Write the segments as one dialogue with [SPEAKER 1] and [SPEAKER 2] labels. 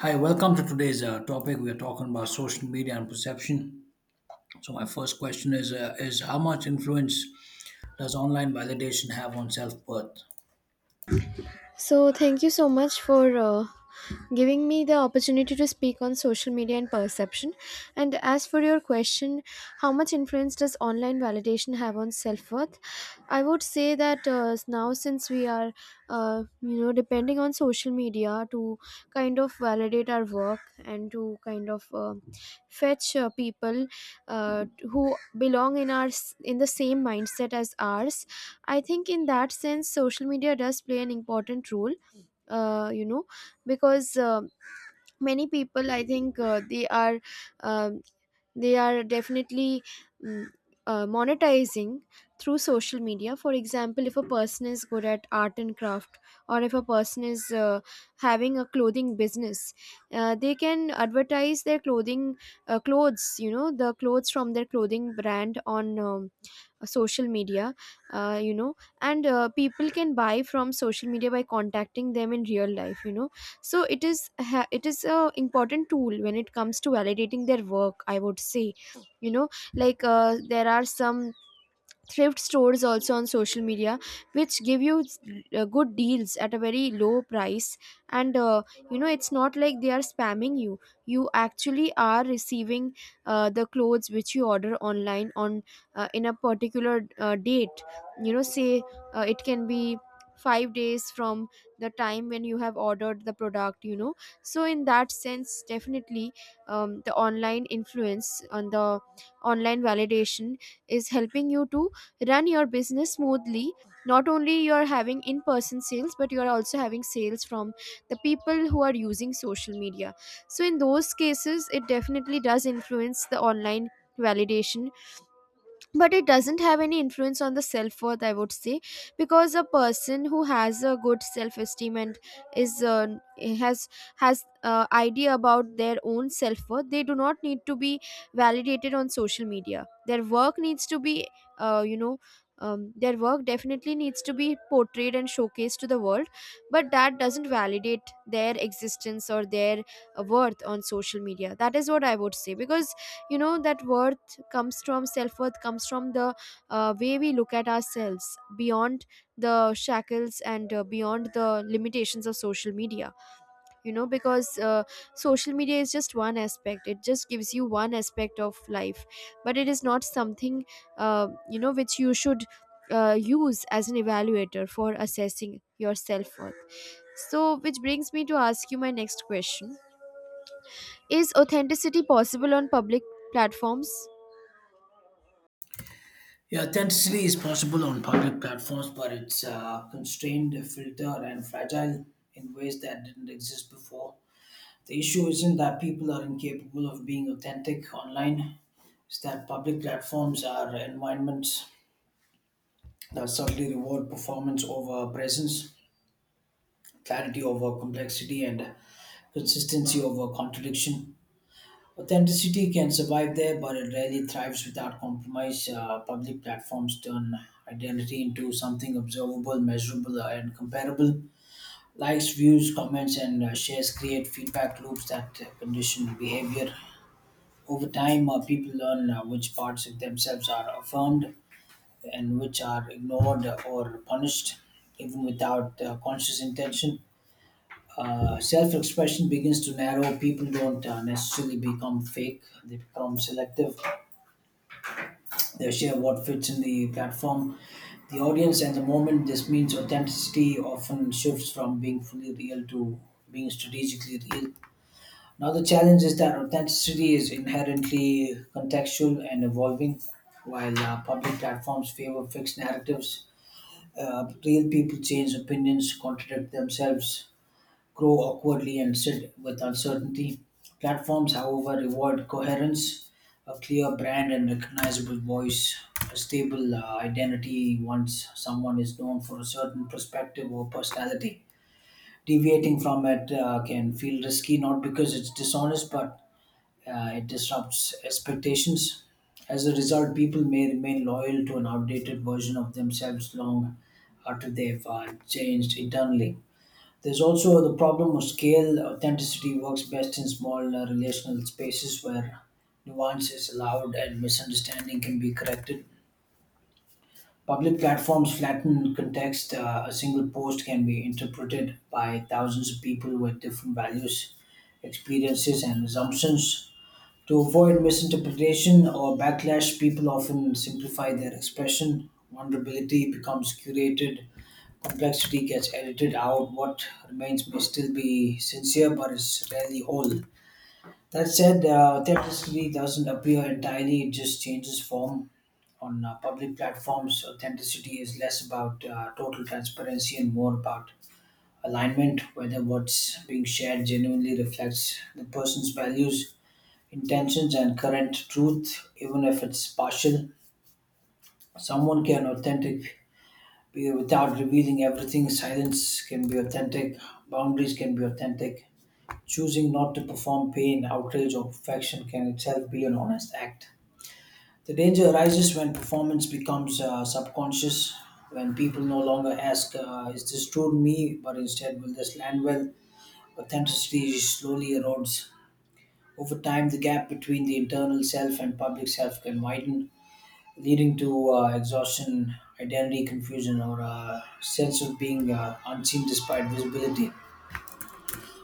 [SPEAKER 1] Hi, welcome to today's topic. We are talking about social media and perception. So, my first question is: how much influence does online validation have on self worth?
[SPEAKER 2] So, thank you so much for giving me the opportunity to speak on social media and perception. And as for your question, how much influence does online validation have on self worth? I would say that now, since we are, depending on social media to kind of validate our work and to kind of fetch people uh, who belong in in the same mindset as ours. I think in that sense, social media does play an important role, uh, you know, because many people, I think, um, they are definitely mm, monetizing through social media. For example, if a person is good at art and craft, or if a person is having a clothing business, they can advertise their clothing clothes, you know, the clothes from their clothing brand on. Social media, uh, you know and people can buy from social media by contacting them in real life, you know, so it is a important tool when it comes to validating their work, I would say. You know, like there are some thrift stores also on social media, which give you good deals at a very low price, and you know, it's not like they are spamming you. You actually are receiving the clothes which you order online on in a particular date. You know, say it can be 5 days from the time when you have ordered the product, you know. So in that sense, definitely the online influence on the online validation is helping you to run your business smoothly. Not only you're having in person sales, but you're also having sales from the people who are using social media, so in those cases it definitely does influence the online validation, but it doesn't have any influence on the self worth, I would say. Because a person who has a good self esteem and is has has idea about their own self worth, they do not need to be validated on social media. Their work needs to be uh, you know their work definitely needs to be portrayed and showcased to the world, but that doesn't validate their existence or their worth on social media. That is what I would say, because, you know, that worth comes from, self worth comes from the way we look at ourselves beyond the shackles and beyond the limitations of social media. You know, because social media is just one aspect, it just gives you one aspect of life, but it is not something which you should use as an evaluator for assessing your self worth. So which brings me to ask you my next question: is authenticity possible on public platforms?
[SPEAKER 1] Yeah, authenticity is possible on public platforms, but it's constrained, filtered, and fragile in ways that didn't exist before. The issue isn't that people are incapable of being authentic online; it's that public platforms are environments that subtly reward performance over presence, clarity over complexity, and consistency over contradiction. Authenticity can survive there, but it rarely thrives without compromise. Public platforms turn identity into something observable, measurable, and comparable. Likes, views, comments, and shares create feedback loops that condition behavior. Over time, people learn which parts of themselves are affirmed and which are ignored or punished, even without conscious intention. Self-expression begins to narrow. People don't necessarily become fake; they become selective. They share what fits in the platform, the audience, and the moment. This means authenticity often shifts from being fully real to being strategically real. Another challenge is that authenticity is inherently contextual and evolving, while public platforms favor fixed narratives. Real people change opinions, contradict themselves, grow awkwardly and sit with uncertainty. Platforms, however, reward coherence, a clear brand, and recognizable voice. A stable identity once someone is known for a certain perspective or personality. Deviating from it can feel risky, not because it's dishonest, but it disrupts expectations. As a result, people may remain loyal to an outdated version of themselves long after they've changed internally. There's also the problem of scale. Authenticity works best in small relational spaces where nuance is allowed and misunderstanding can be corrected. Public platforms flatten context. A single post can be interpreted by thousands of people with different values, experiences, and assumptions. To avoid misinterpretation or backlash, people often simplify their expression. Vulnerability becomes curated, complexity gets edited out. What remains may still be sincere but it's rarely whole. That said, authenticity doesn't appear entirely, it just changes form. On public platforms, authenticity is less about total transparency and more about alignment, whether what's being shared genuinely reflects the person's values, intentions, and current truth, even if it's partial. Someone can without revealing everything. Silence can be authentic, boundaries can be authentic. Choosing not to perform pain, outrage, or perfection can itself be an honest act. The danger arises when performance becomes subconscious, when people no longer ask, is this true to me? But instead, will this land well? Authenticity slowly erodes. Over time, the gap between the internal self and public self can widen, leading to exhaustion, identity confusion, or a sense of being unseen despite visibility.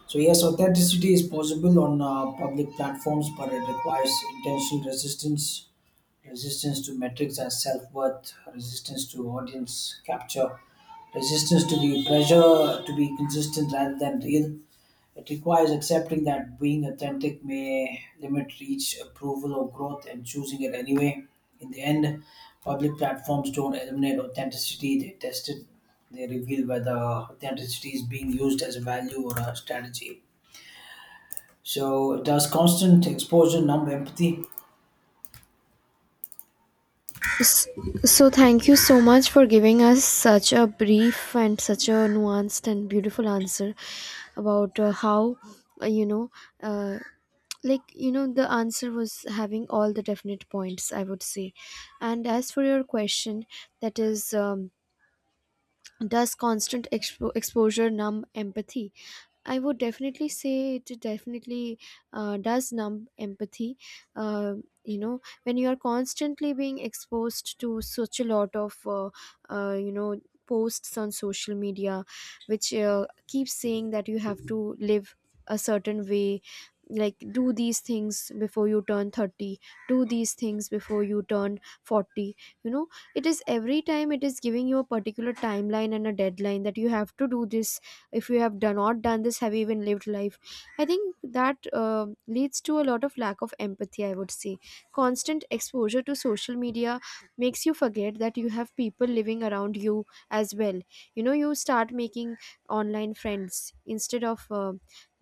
[SPEAKER 1] So, yes, authenticity is possible on public platforms, but it requires intentional resistance, resistance to metrics as self worth, resistance to audience capture, resistance to the pressure to be consistent rather than real. It requires accepting that being authentic may limit reach, approval, or growth and choosing it anyway. In the end, public platforms don't eliminate authenticity, they test it. They reveal whether authenticity is being used as a value or a strategy. So, does constant exposure numb empathy?
[SPEAKER 2] S- So, thank you so much for giving us such a brief and such a nuanced and beautiful answer about how, uh, you know, uh, like, you know, the answer was having all the definite points, I would say. And as for your question, that is, does exposure numb empathy? I would definitely say it definitely does numb empathy. Uh, you know, when you are constantly being exposed to such a lot of, uh, you know, posts on social media, which keeps saying that you have to live a certain way, like do these things before you turn 30, do these things before you turn 40. You know, it is every time it is giving you a particular timeline and a deadline that you have to do this. If you have done, not done this, have you even lived life? I think that leads to a lot of lack of empathy, I would say. Constant exposure to social media makes you forget that you have people living around you as well. You know, you start making online friends instead of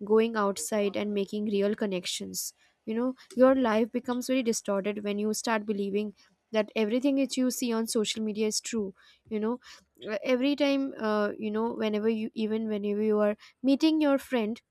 [SPEAKER 2] going outside and making real connections. You know, your life becomes very distorted when you start believing that everything that you see on social media is true. You know, every time, you know, whenever you, even whenever you are meeting your friend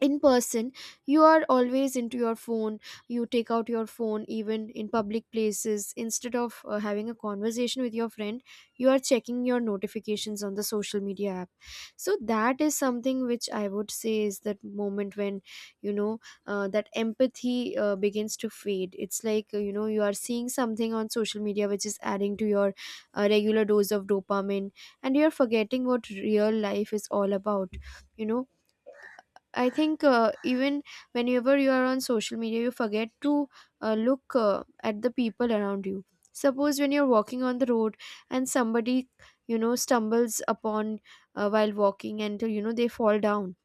[SPEAKER 2] in person, you are always into your phone. You take out your phone even in public places instead of having a conversation with your friend. You are checking your notifications on the social media app. So that is something which I would say is that moment when, you know, that empathy begins to fade. It's like, you know, you are seeing something on social media which is adding to your regular dose of dopamine, and you are forgetting what real life is all about. You know, I think even whenever you are on social media, you forget to look at the people around you. Suppose when you're walking on the road and somebody, you know, stumbles upon while walking and, you know, they fall down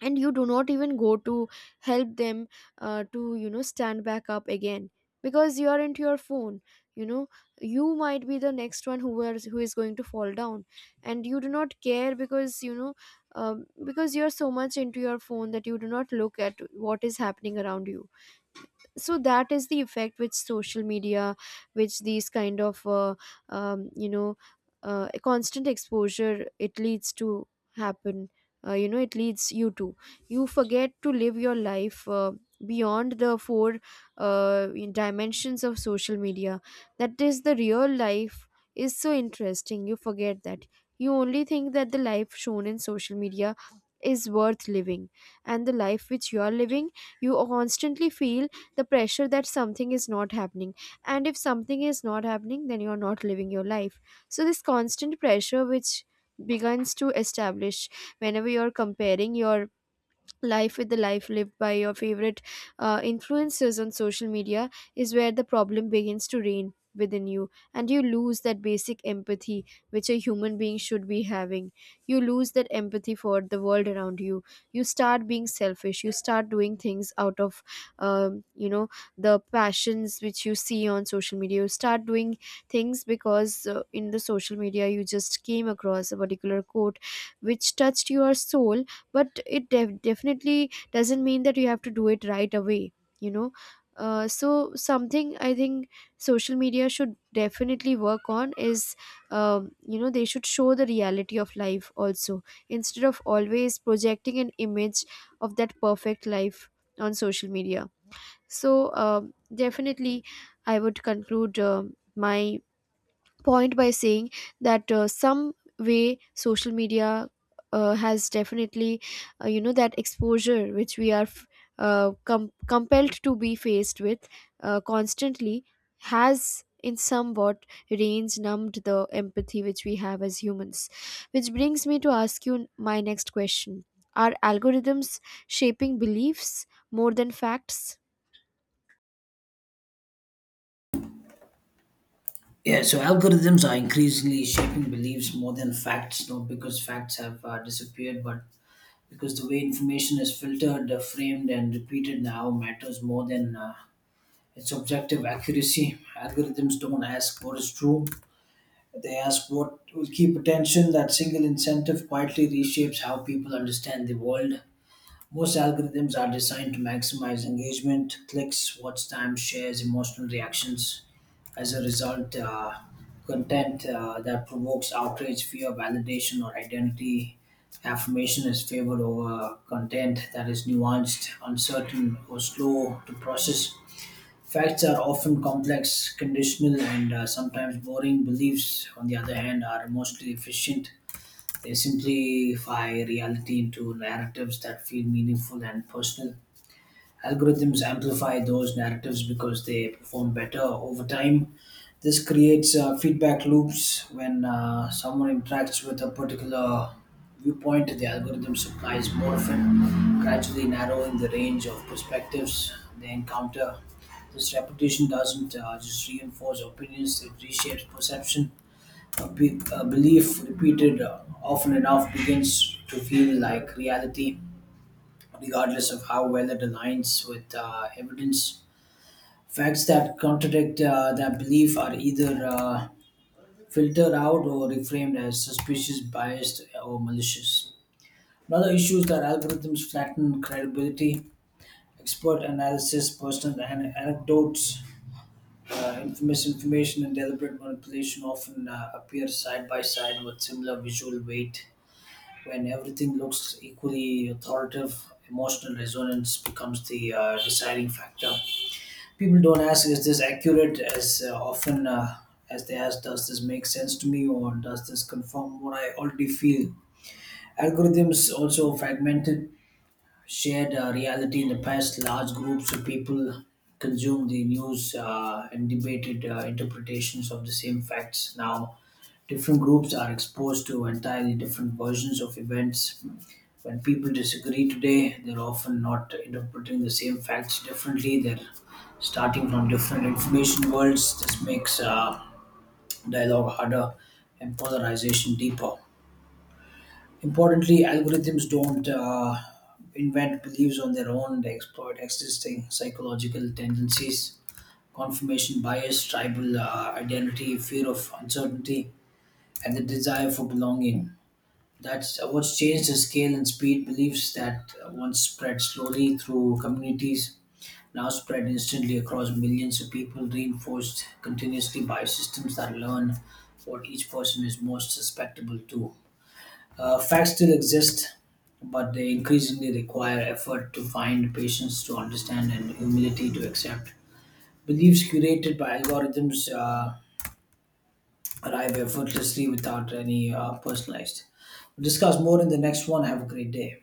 [SPEAKER 2] and you do not even go to help them to, you know, stand back up again because you are into your phone. You know, you might be the next one who is going to fall down, and you do not care because, you know, because you are so much into your phone that you do not look at what is happening around you. So that is the effect which social media, which these kind of um, you know constant exposure, it leads to happen. You know, it leads you to, you forget to live your life beyond the four dimensions of social media, that is the real life is so interesting. You forget that, you only think that the life shown in social media is worth living, and the life which you are living, you constantly feel the pressure that something is not happening, and if something is not happening then you're not living your life. So this constant pressure which begins to establish whenever you're comparing your life with the life lived by your favorite influencers on social media is where the problem begins to reign within you, and you lose that basic empathy which a human being should be having. You lose that empathy for the world around you, you start being selfish, you start doing things out of um, you know the passions which you see on social media. You start doing things because in the social media you just came across a particular quote which touched your soul, but it definitely doesn't mean that you have to do it right away. You know, so something I think social media should definitely work on is, you know, they should show the reality of life also instead of always projecting an image of that perfect life on social media. So, definitely, I would conclude my point by saying that some way social media has definitely you know, that exposure which we are compelled to be faced with constantly, has in somewhat reins numbed the empathy which we have as humans. Which brings me to ask you my next question: are algorithms shaping beliefs more than facts?
[SPEAKER 1] Yeah, so algorithms are increasingly shaping beliefs more than facts, not because facts have disappeared, but because the way information is filtered, framed, and repeated now matters more than its objective accuracy. Algorithms don't ask what is true, they ask what will keep attention. That single incentive quietly reshapes how people understand the world. Most algorithms are designed to maximize engagement, clicks, watch time, shares, emotional reactions. As a result, content that provokes outrage, fear, validation, or identity affirmation is favored over content that is nuanced, uncertain, or slow to process. Facts are often complex, conditional, and sometimes boring. Beliefs, on the other hand, are mostly efficient. They simplify reality into narratives that feel meaningful and personal. Algorithms amplify those narratives because they perform better over time. This creates feedback loops. When someone interacts with a particular viewpoint, the algorithm supplies more of it, gradually narrowing the range of perspectives they encounter. This repetition doesn't just reinforce opinions, it reshapes perception. A belief repeated often enough begins to feel like reality regardless of how well it aligns with evidence. Facts that contradict that belief are either filtered out or reframed as suspicious, biased, or malicious. Another issue is that algorithms flatten credibility. Expert analysis, personal anecdotes, infamous information, and deliberate manipulation often appear side by side with similar visual weight. When everything looks equally authoritative, emotional resonance becomes the deciding factor. People don't ask, is this accurate, as often as they ask, does this make sense to me, or does this confirm what I already feel? Algorithms also fragmented shared reality. In the past, large groups of people consumed the news and debated interpretations of the same facts. Now different groups are exposed to entirely different versions of events. When people disagree today, they're often not interpreting the same facts differently, they're starting from different information worlds. This makes dialogue harder and polarization deeper. Importantly, algorithms don't invent beliefs on their own, they exploit existing psychological tendencies, confirmation bias, tribal identity, fear of uncertainty, and the desire for belonging. That's what's changed, the scale and speed. Beliefs that once spread slowly through communities now spread instantly across millions of people, reinforced continuously by systems that learn what each person is most susceptible to. Facts still exist, but they increasingly require effort to find, patience to understand, and humility to accept. Beliefs curated by algorithms arrive effortlessly without any personalized. We'll discuss more in the next one. Have a great day.